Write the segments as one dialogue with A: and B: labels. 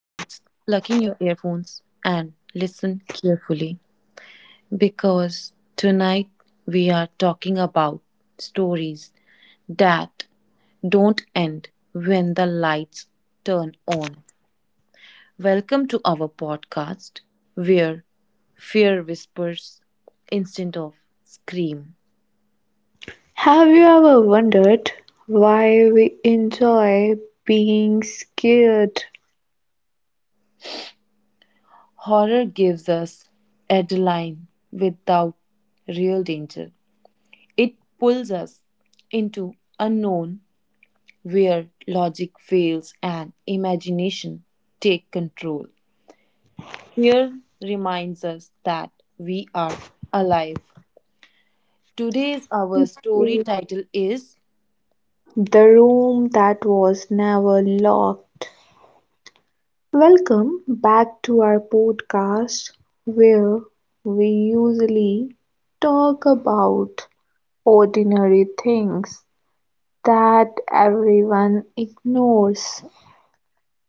A: plug in your earphones, and listen carefully because tonight we are talking about stories that don't end when the lights turn on. Welcome to our podcast where fear whispers instead of scream.
B: Have you ever wondered why we enjoy being scared?
A: Horror gives us adrenaline without real danger. It pulls us into unknown where logic fails and imagination take control. Fear reminds us that we are alive. Today's our story
B: In
A: title is
B: The room that was never locked. Welcome back to our podcast where we usually talk about ordinary things that everyone ignores.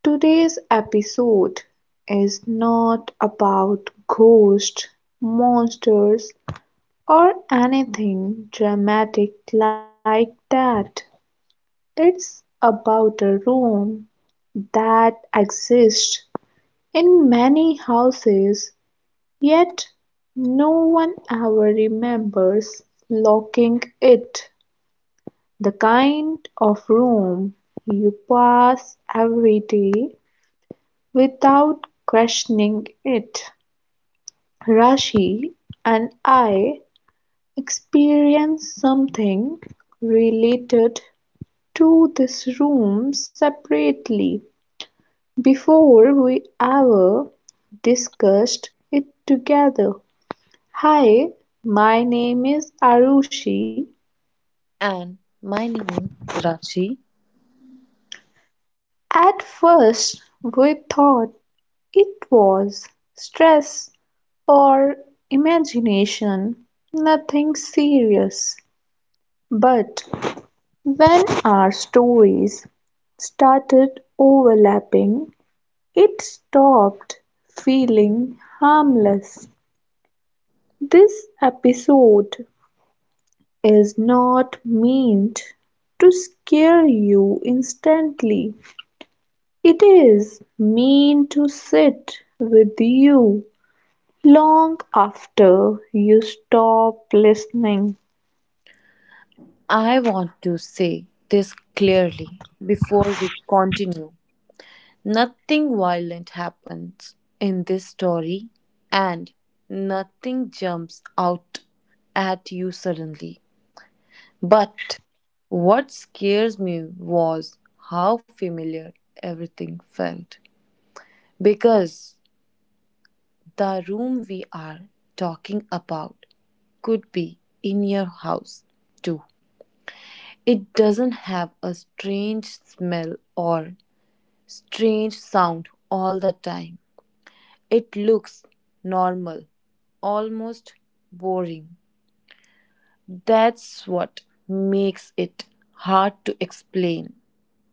B: Today's episode is not about ghosts, monsters, or anything dramatic like that. It's about a room that exists in many houses, yet no one ever remembers locking it. The kind of room you pass every day without questioning it. Rashi and I experienced something related to this room separately before we ever discussed it together. Hi, my name is Arushi.
A: and my name is Rachi.
B: At first, we thought it was stress or imagination, nothing serious. But when our stories started overlapping, it stopped feeling harmless. This episode is not meant to scare you instantly. It is meant to sit with you long after you stop listening.
A: I want to say this clearly before we continue. Nothing violent happens in this story and nothing jumps out at you suddenly. But what scares me was how familiar everything felt. Because the room we are talking about could be in your house too. It doesn't have a strange smell or strange sound all the time. It looks normal, almost boring. That's what makes it hard to explain.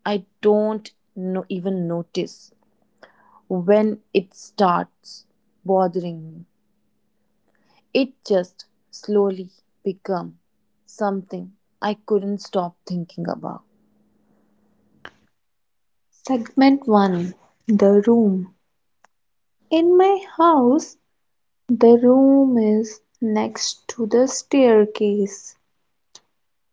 A: I don't even notice when it starts bothering me. It just slowly become something I couldn't stop thinking about.
B: Segment 1. The Room. In my house, the room is next to the staircase.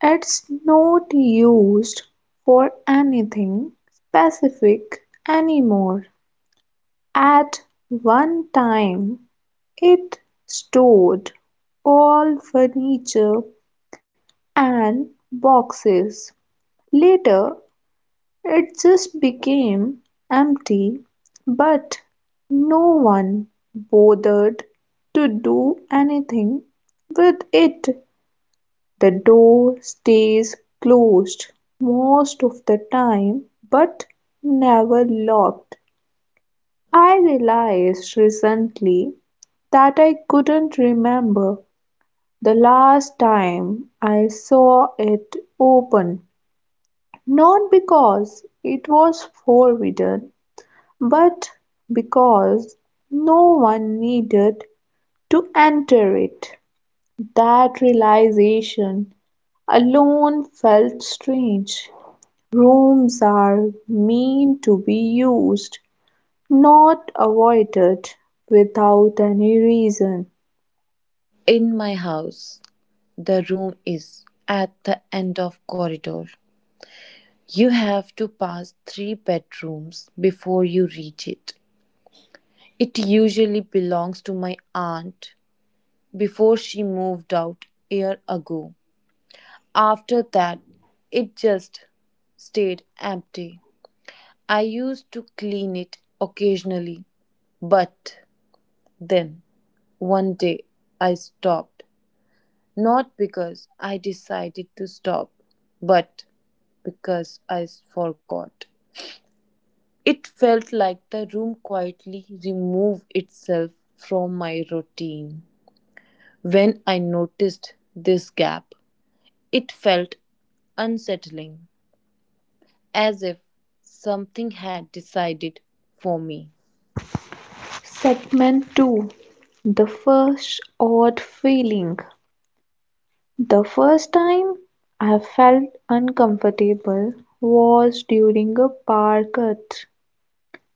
B: It's not used for anything specific anymore; at one time it stored all furniture and boxes; later it just became empty but no one bothered to do anything with it. The door stays closed most of the time but never locked. I realized recently that I couldn't remember the last time I saw it open. Not because it was forbidden, but because no one needed to enter it. That realization alone felt strange. Rooms are meant to be used, not avoided without any reason.
A: In my house, the room is at the end of corridor. You have to pass 3 bedrooms before you reach it. It usually belongs to my aunt before she moved out a year ago. After that, it just stayed empty. I used to clean it occasionally, but then one day I stopped. Not because I decided to stop, but because I forgot. It felt like the room quietly removed itself from my routine. When I noticed this gap, it felt unsettling, as if something had decided for me.
B: Segment 2. The first odd feeling. The first time I felt uncomfortable was during a bar cut.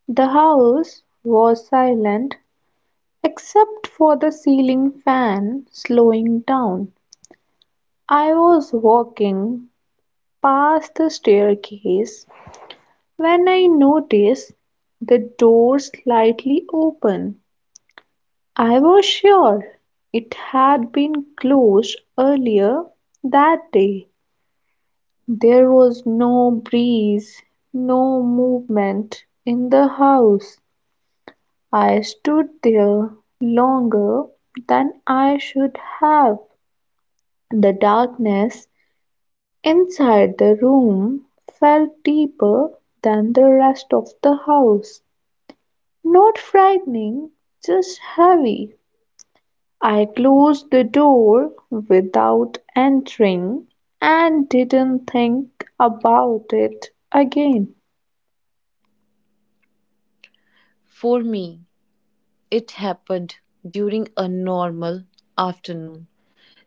B: The house was silent except for the ceiling fan slowing down. I was walking past the staircase when I noticed the door slightly open. I was sure it had been closed earlier that day. There was no breeze, no movement in the house. I stood there longer than I should have. The darkness inside the room felt deeper than the rest of the house. Not frightening, just heavy. I closed the door without entering and didn't think about it again.
A: For me, it happened during a normal afternoon.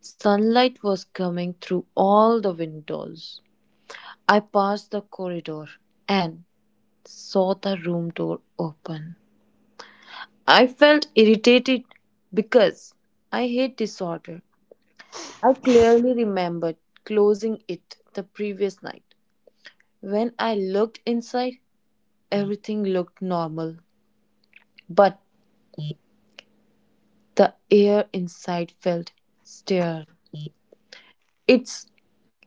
A: Sunlight was coming through all the windows. I passed the corridor and saw the room door open. I felt irritated because I hate disorder. I clearly remembered closing it the previous night. When I looked inside, everything looked normal, but the air inside felt stirred. It's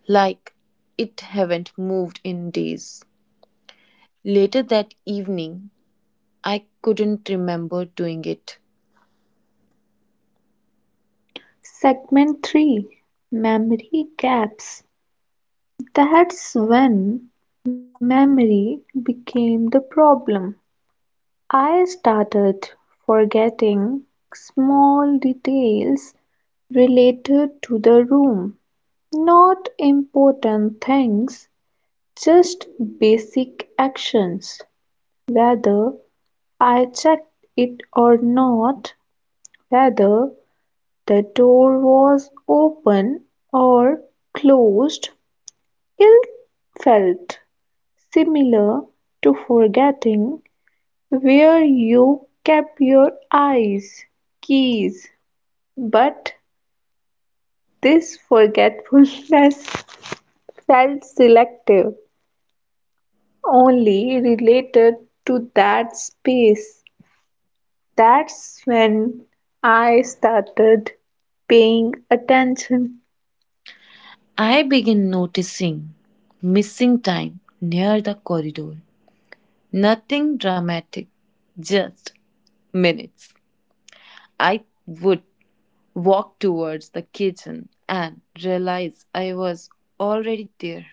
A: like it haven't moved in days. Later that evening, I couldn't remember doing it.
B: Segment 3. Memory Gaps. That's when memory became the problem. I started forgetting small details related to the room. Not important things, just basic actions. Whether I checked it or not, whether the door was open or closed, it felt similar to forgetting where you kept your eyes, keys, but this forgetfulness felt selective, only related to that space. That's when I started paying attention.
A: I began noticing missing time near the corridor. Nothing dramatic, just minutes. I would walk towards the kitchen and realize I was already there.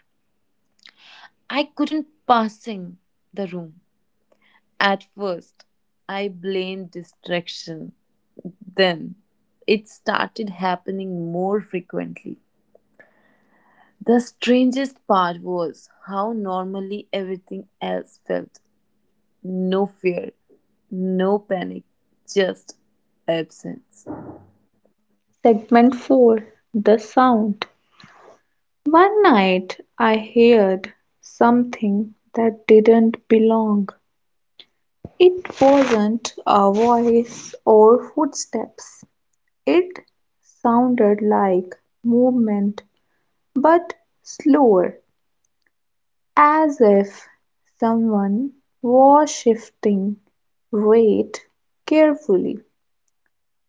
A: I couldn't passing the room. At first, I blamed distraction. Then, it started happening more frequently. The strangest part was how normally everything else felt: no fear, no panic, just absence.
B: Segment 4. The Sound. One night I heard something that didn't belong. It wasn't a voice or footsteps, it sounded like movement, but slower, as if someone was shifting weight carefully.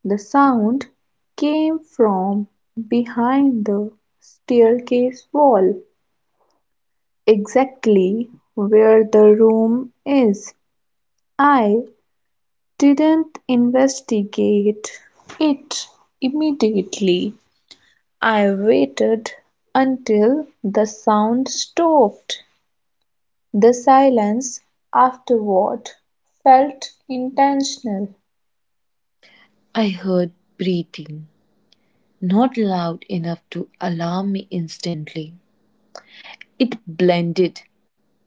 B: The sound came from behind the staircase wall, exactly where the room is. I didn't investigate it immediately. I waited until the sound stopped. The silence afterward felt intentional.
A: I heard breathing, not loud enough to alarm me instantly. It blended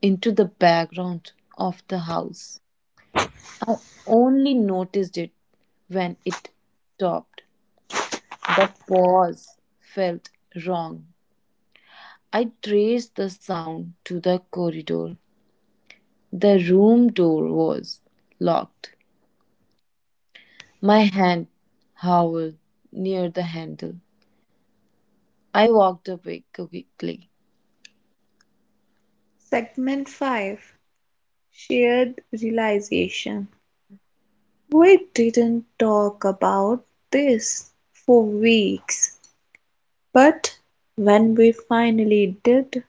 A: into the background of the house. I only noticed it when it stopped. The pause felt wrong. I traced the sound to the corridor. The room door was locked. My hand hovered near the handle. I walked away quickly.
B: Segment 5. Shared Realization. We didn't talk about this for weeks, but when we finally did,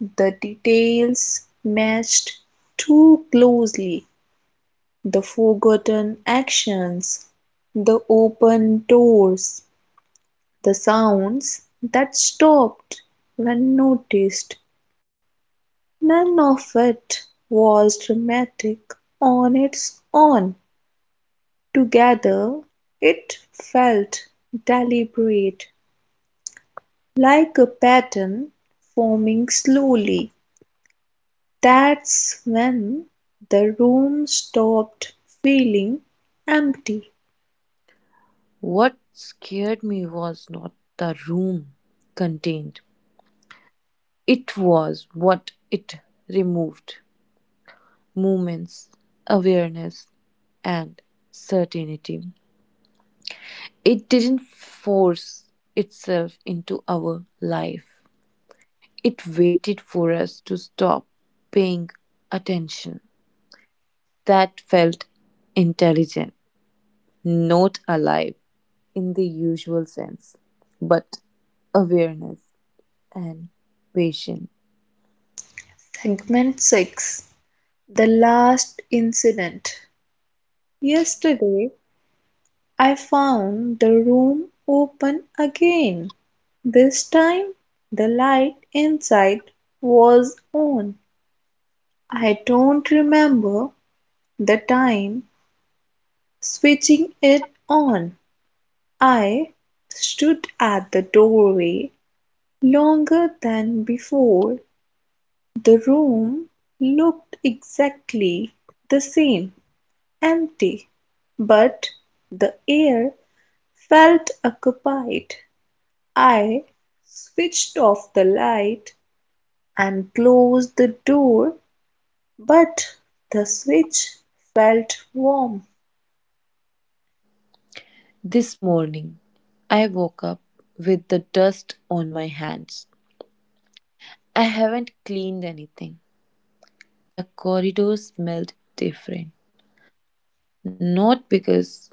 B: the details matched too closely: the forgotten actions, the open doors, the sounds that stopped when noticed. None of it was dramatic on its own. Together it felt deliberate, like a pattern forming slowly. That's when the room stopped feeling empty.
A: What scared me was not the room contained, it was what it removed: moments, awareness, and certainty. It didn't force itself into our life, it waited for us to stop paying attention. That felt intelligent, not alive in the usual sense, but awareness and patience.
B: Segment 6. The Last Incident. Yesterday, I found the room open again. This time, the light inside was on. I don't remember the time switching it on. I stood at the doorway longer than before. The room looked exactly the same, empty, but the air felt occupied. I switched off the light and closed the door, but the switch felt warm.
A: This morning, I woke up with the dust on my hands. I haven't cleaned anything. The corridor smelled different, not because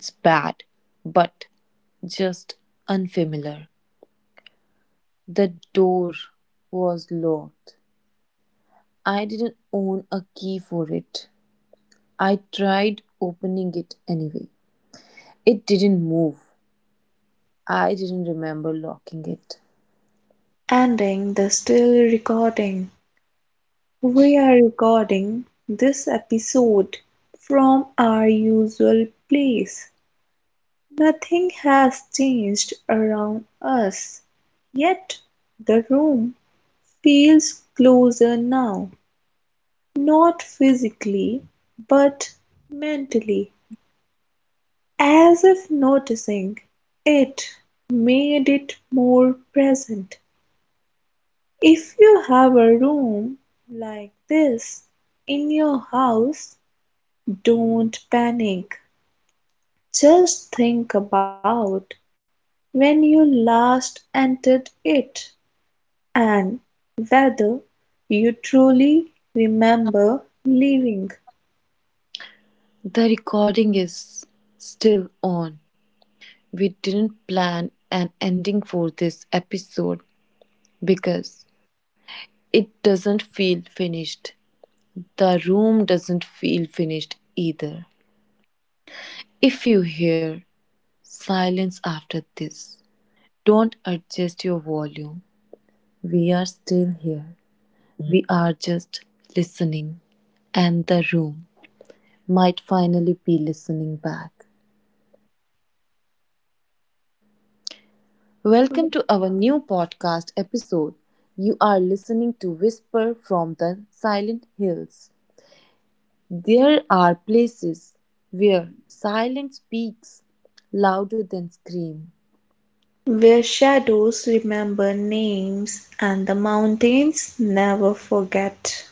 A: it's bad, but just unfamiliar. The door was locked. I didn't own a key for it. I tried opening it anyway. It didn't move. I didn't remember locking it.
B: Ending the still recording. We are recording this episode from our usual place. Nothing has changed around us, yet the room feels closer now, not physically but mentally, as if noticing it made it more present. If you have a room like this in your house, don't panic. Just think about when you last entered it. And whether you truly remember living.
A: The recording is still on. We didn't plan an ending for this episode because it doesn't feel finished. The room doesn't feel finished either. If you hear silence after this, don't adjust your volume. We are still here. We are just listening. And the room might finally be listening back. Welcome to our new podcast episode. You are listening to Whisper from the Silent Hills. There are places where silence speaks louder than scream.
B: Where shadows remember names and the mountains never forget.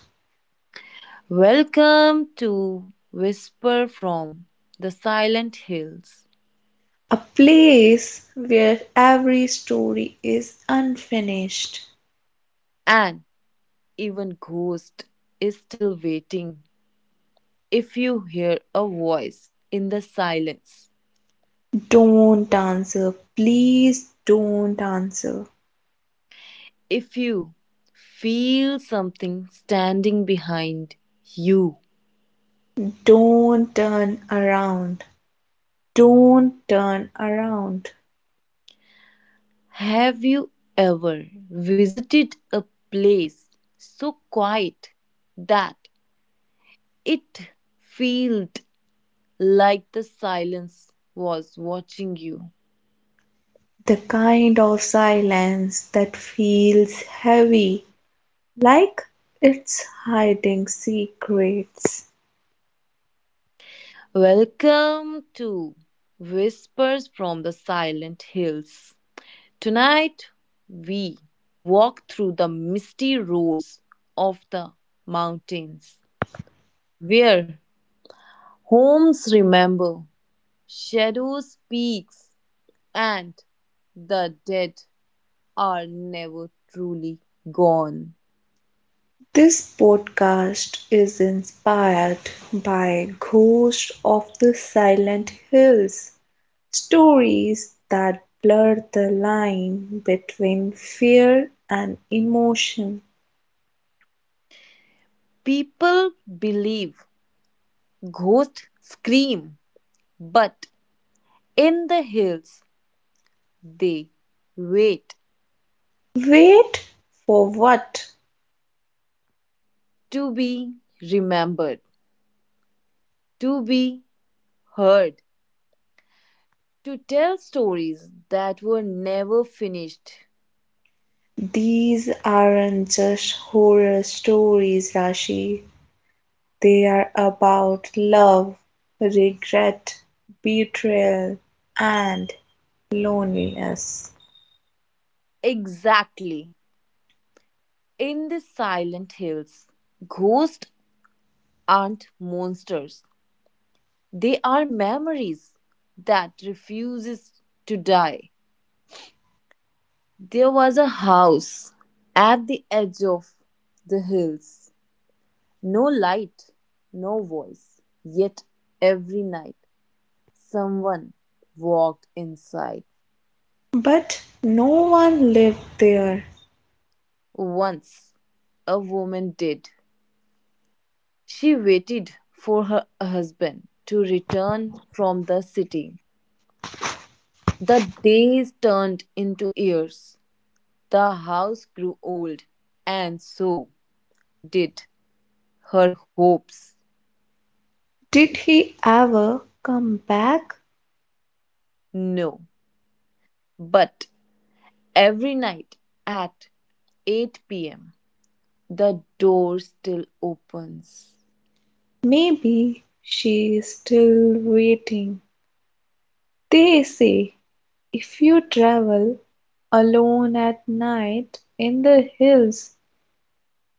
A: Welcome to Whisper from the Silent Hills.
B: A place where every story is unfinished.
A: And even Ghost is still waiting. If you hear a voice in the silence,
B: Don't answer, please don't answer.
A: if you feel something standing behind you,
B: Don't turn around, don't turn around.
A: have you ever visited a place so quiet that it felt like the silence was watching you?
B: The kind of silence that feels heavy, like its hiding secrets,
A: Welcome to Whispers from the Silent Hills. Tonight, we walk through the misty roads of the mountains, where homes remember, shadows speak, and the dead are never truly gone.
B: this podcast is inspired by Ghosts of the Silent Hills, stories that blur the line between fear and emotion.
A: People believe ghosts scream, but in the hills they wait
B: Wait for what?
A: to be remembered, to be heard, to tell stories that were never finished.
B: These aren't just horror stories, Rashi. They are about love, regret, betrayal, and loneliness.
A: Exactly. In the silent hills, ghosts aren't monsters. They are memories that refuses to die. There was a house at the edge of the hills. No light, no voice. Yet every night someone walked inside.
B: But no one lived there.
A: Once a woman did. She waited for her husband to return from the city. The days turned into years. The house grew old, and so did her hopes.
B: Did he ever come back?
A: No, but every night at 8 p.m., the door still opens.
B: Maybe she is still waiting. They say if you travel alone at night in the hills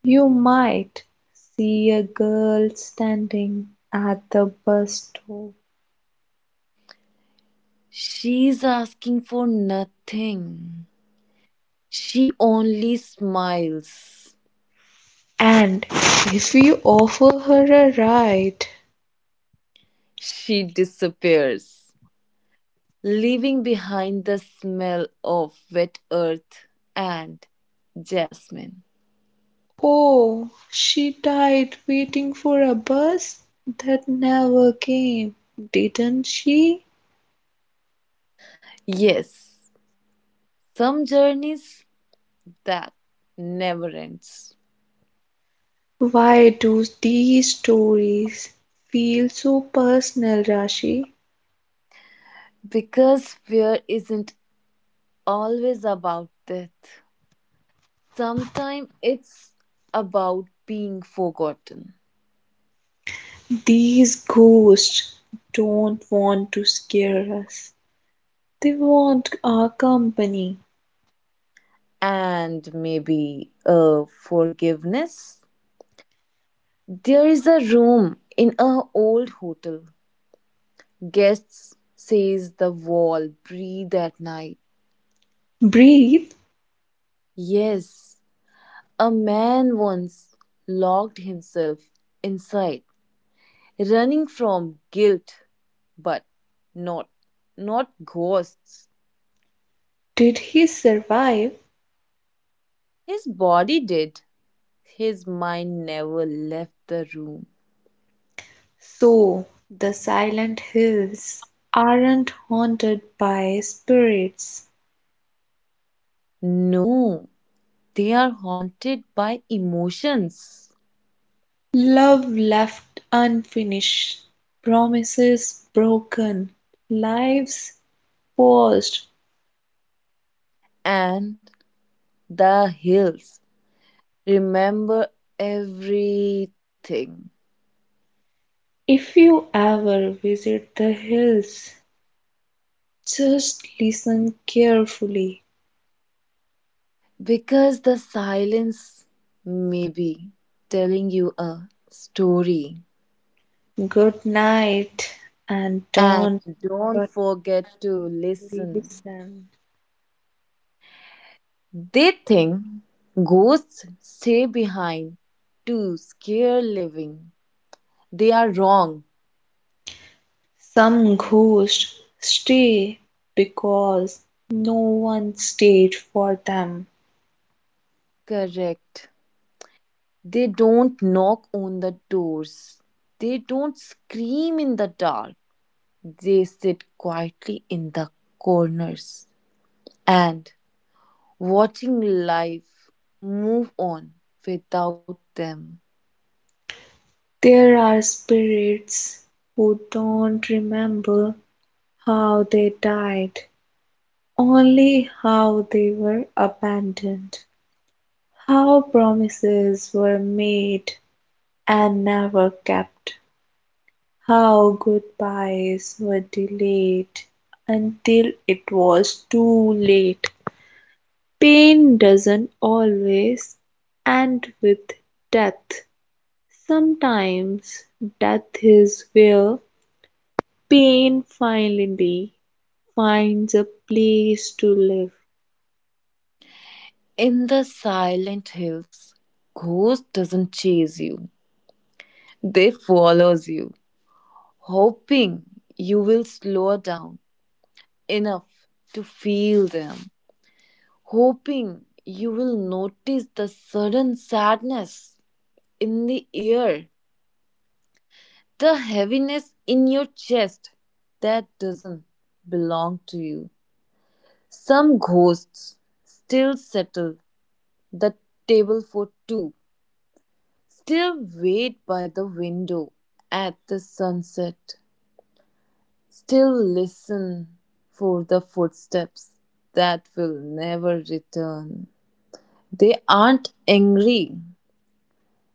B: you might see a girl standing at the bus stop.
A: She's asking for nothing. She only smiles.
B: And if you offer her a ride.
A: She disappears, leaving behind the smell of wet earth and jasmine.
B: Oh, she died waiting for a bus that never came, didn't she?
A: Yes, some journeys that never ends.
B: Why do these stories feel so personal, Rashi?
A: Because fear isn't always about death. Sometimes it's about being forgotten,
B: These ghosts don't want to scare us. They want our company.
A: and maybe a forgiveness. There is a room in a old hotel. Guests, says the wall, breathe at night.
B: Breathe.
A: Yes, a man once locked himself inside, running from guilt, but not, not ghosts.
B: Did he survive?
A: His body did. His mind never left the room.
B: So the silent hills aren't haunted by spirits.
A: No, they are haunted by emotions
B: Love left unfinished, promises broken, lives paused.
A: and the hills. Remember everything.
B: If you ever visit the hills, just listen carefully.
A: Because the silence may be telling you a story.
B: Good night, and
A: And
B: don't
A: don't
B: forget
A: forget to
B: to
A: listen.
B: listen.
A: They think ghosts stay behind to scare living. They are wrong.
B: Some ghosts stay because no one stayed for them.
A: Correct. They don't knock on the doors. They don't scream in the dark. They sit quietly in the corners and watching life move on without them.
B: There are spirits who don't remember how they died, only how they were abandoned, how promises were made and never kept, how goodbyes were delayed until it was too late. Pain doesn't always end with death; sometimes death is where pain finally finds a place to live.
A: In the silent hills, ghost doesn't chase you. They follows you, hoping you will slow down enough to feel them, hoping you will notice the sudden sadness in the air, the heaviness in your chest that doesn't belong to you. Some ghosts still settle the table for two. Still wait by the window at the sunset. Still listen for the footsteps that will never return. They aren't angry,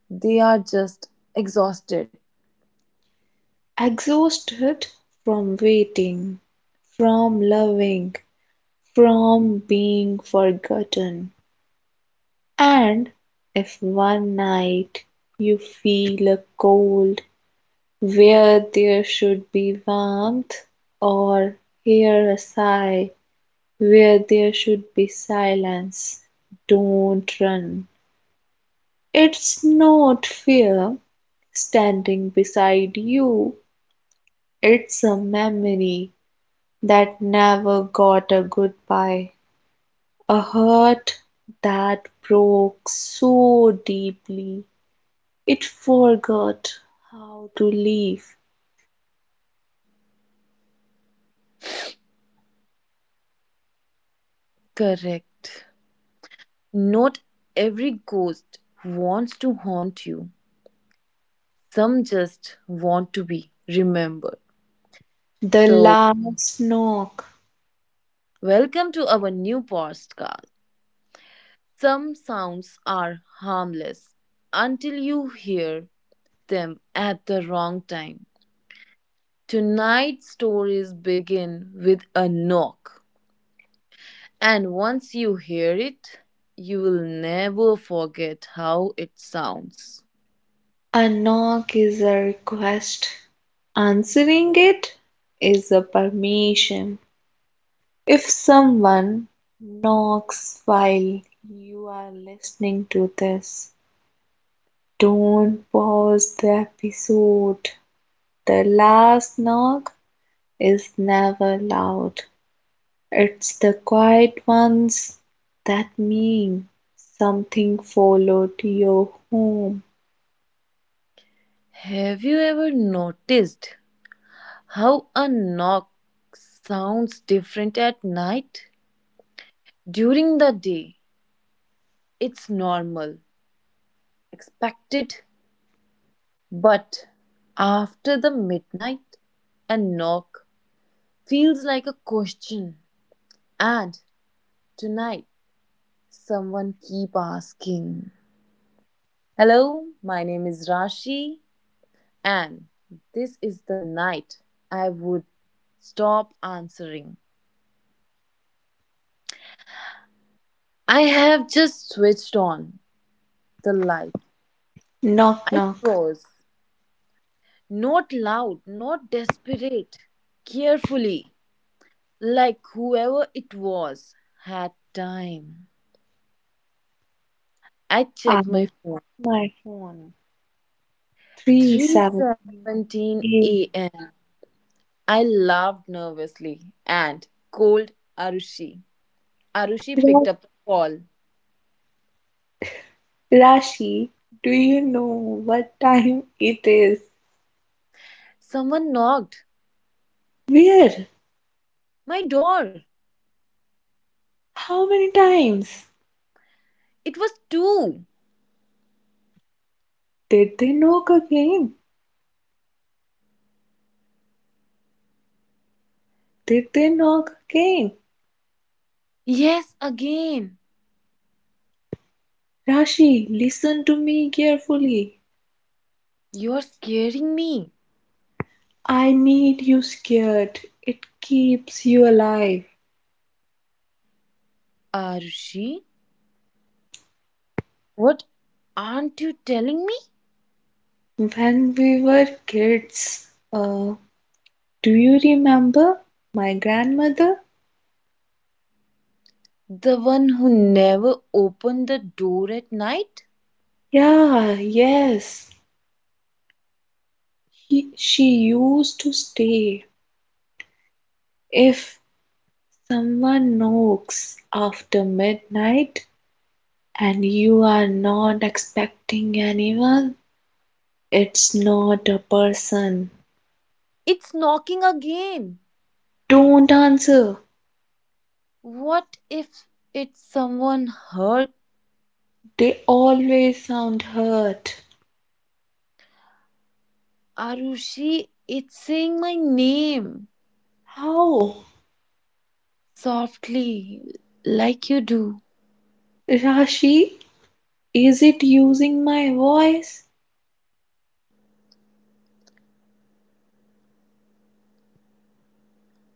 A: they are just exhausted.
B: Exhausted from waiting, from loving, from being forgotten, and if one night you feel a cold where there should be warmth, or hear a sigh where there should be silence, don't run. It's not fear standing beside you, it's a memory that never got a goodbye, a hurt that broke so deeply it forgot how to leave.
A: Correct. Not every ghost wants to haunt you, some just want to be remembered.
B: The
A: So,
B: last knock!
A: welcome to our new podcast. Some sounds are harmless until you hear them at the wrong time. Tonight's stories begin with a knock, and once you hear it, you will never forget how it sounds.
B: A knock is a request, answering it is a permission. If someone knocks while you are listening to this, don't pause the episode. The last knock is never loud, it's the quiet ones that mean something followed your home.
A: Have you ever noticed how a knock sounds different at night? During the day, it's normal, expected. But after the midnight, a knock feels like a question. And tonight, someone keep asking. Hello, my name is Rashi, and this is the night I would stop answering. I have just switched on the light.
B: Knock,
A: I
B: knock.
A: froze. Not loud, not desperate. Carefully, like whoever it was had time. I
B: I
A: checked my
B: took
A: phone.
B: my phone. Three seven
A: 3:17
B: eight.
A: a.m. I laughed nervously and called Arushi. Arushi
B: Ra-
A: picked up the call.
B: Rashi, do you know what time it is?
A: Someone knocked.
B: Where?
A: My door.
B: How many times?
A: It was two.
B: Did they knock again? Did they knock again?
A: Yes, again.
B: Rashi, listen to me carefully.
A: You're scaring me.
B: I need you scared. It keeps you alive.
A: Arushi, what aren't you telling me?
B: When we were kids, uh, do you remember my grandmother?
A: The one who never opened the door at night?
B: Yeah, yes. She used to stay. If someone knocks after midnight and you are not expecting anyone, it's not a person.
A: It's knocking again.
B: Don't answer.
A: What if it's someone hurt?
B: They always sound hurt.
A: Arushi, it's saying my name
B: How?
A: softly, like you do.
B: Rashi, is it using my voice?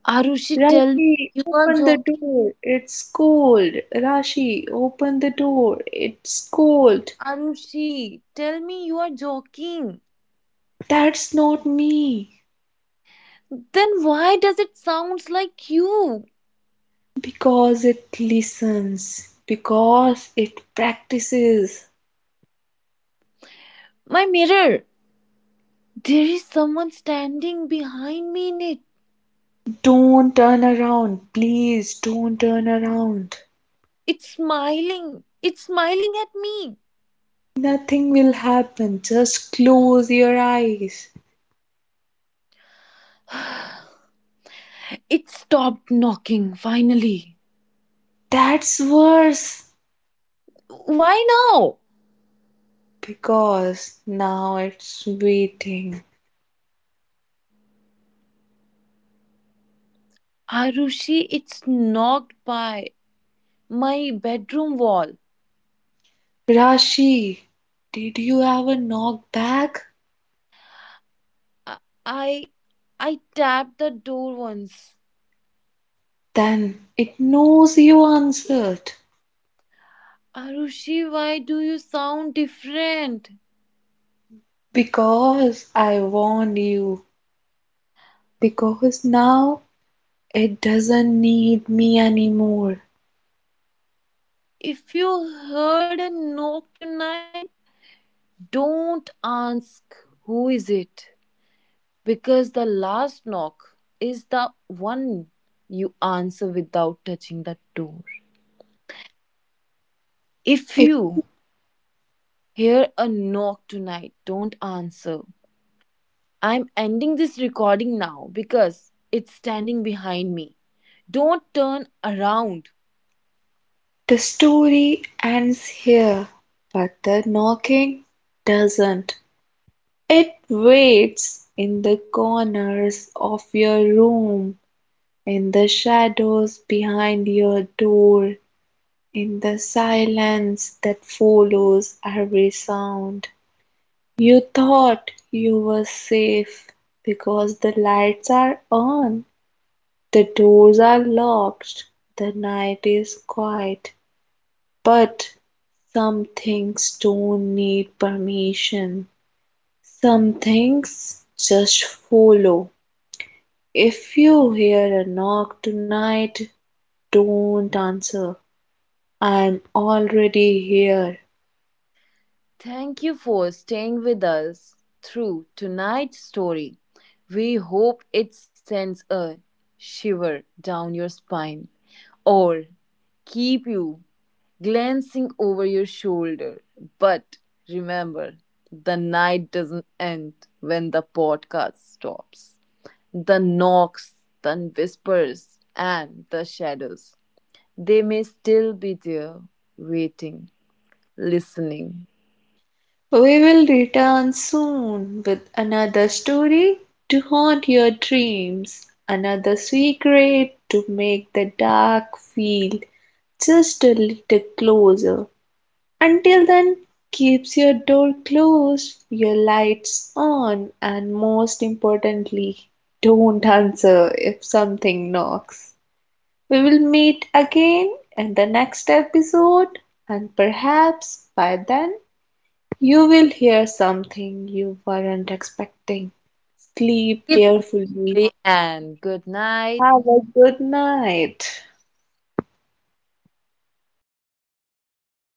A: Arushi, tell me
B: Rashi,
A: you are
B: open the
A: joking.
B: door. It's cold. Rashi, open the door. It's cold.
A: Arushi, tell me you are joking.
B: That's not me.
A: Then why does it sound like you?
B: Because it listens, because it practices.
A: My mirror. There is someone standing behind me in it.
B: Don't turn around, please don't turn around.
A: It's smiling. It's smiling at me.
B: Nothing will happen, just close your eyes.
A: It stopped knocking finally.
B: That's worse
A: Why now?
B: because now it's waiting.
A: Arushi, it's knocked by my bedroom wall.
B: Rashi, did you ever knock back?
A: I I, I tapped the door once.
B: Then it knows you answered.
A: Arushi, why do you sound different?
B: Because I warned you. Because now it doesn't need me anymore.
A: If you heard a knock tonight, don't ask who is it, because the last knock is the one you answer without touching the door. If
B: If
A: you hear a knock tonight, don't answer. I'm ending this recording now because it's standing behind me. Don't turn around.
B: the story ends here, but the knocking doesn't. It waits in the corners of your room, in the shadows behind your door, in the silence that follows every sound. You thought you were safe because the lights are on. The doors are locked, the night is quiet, but some things don't need permission. Some things just follow. If you hear a knock tonight, don't answer. I'm already here.
A: Thank you for staying with us through tonight's story. We hope it sends a shiver down your spine or keep you glancing over your shoulder. But remember, the night doesn't end when the podcast stops. The knocks, the whispers, and the shadows. They may still be there, waiting, listening.
B: We will return soon with another story to haunt your dreams, another secret to make the dark feel just a little closer. Until then, keeps your door closed, your lights on, and most importantly, don't answer if something knocks. We will meet again in the next episode, and perhaps by then you will hear something you weren't expecting. Sleep
A: Sleep
B: carefully.
A: carefully and good night.
B: Have a good night.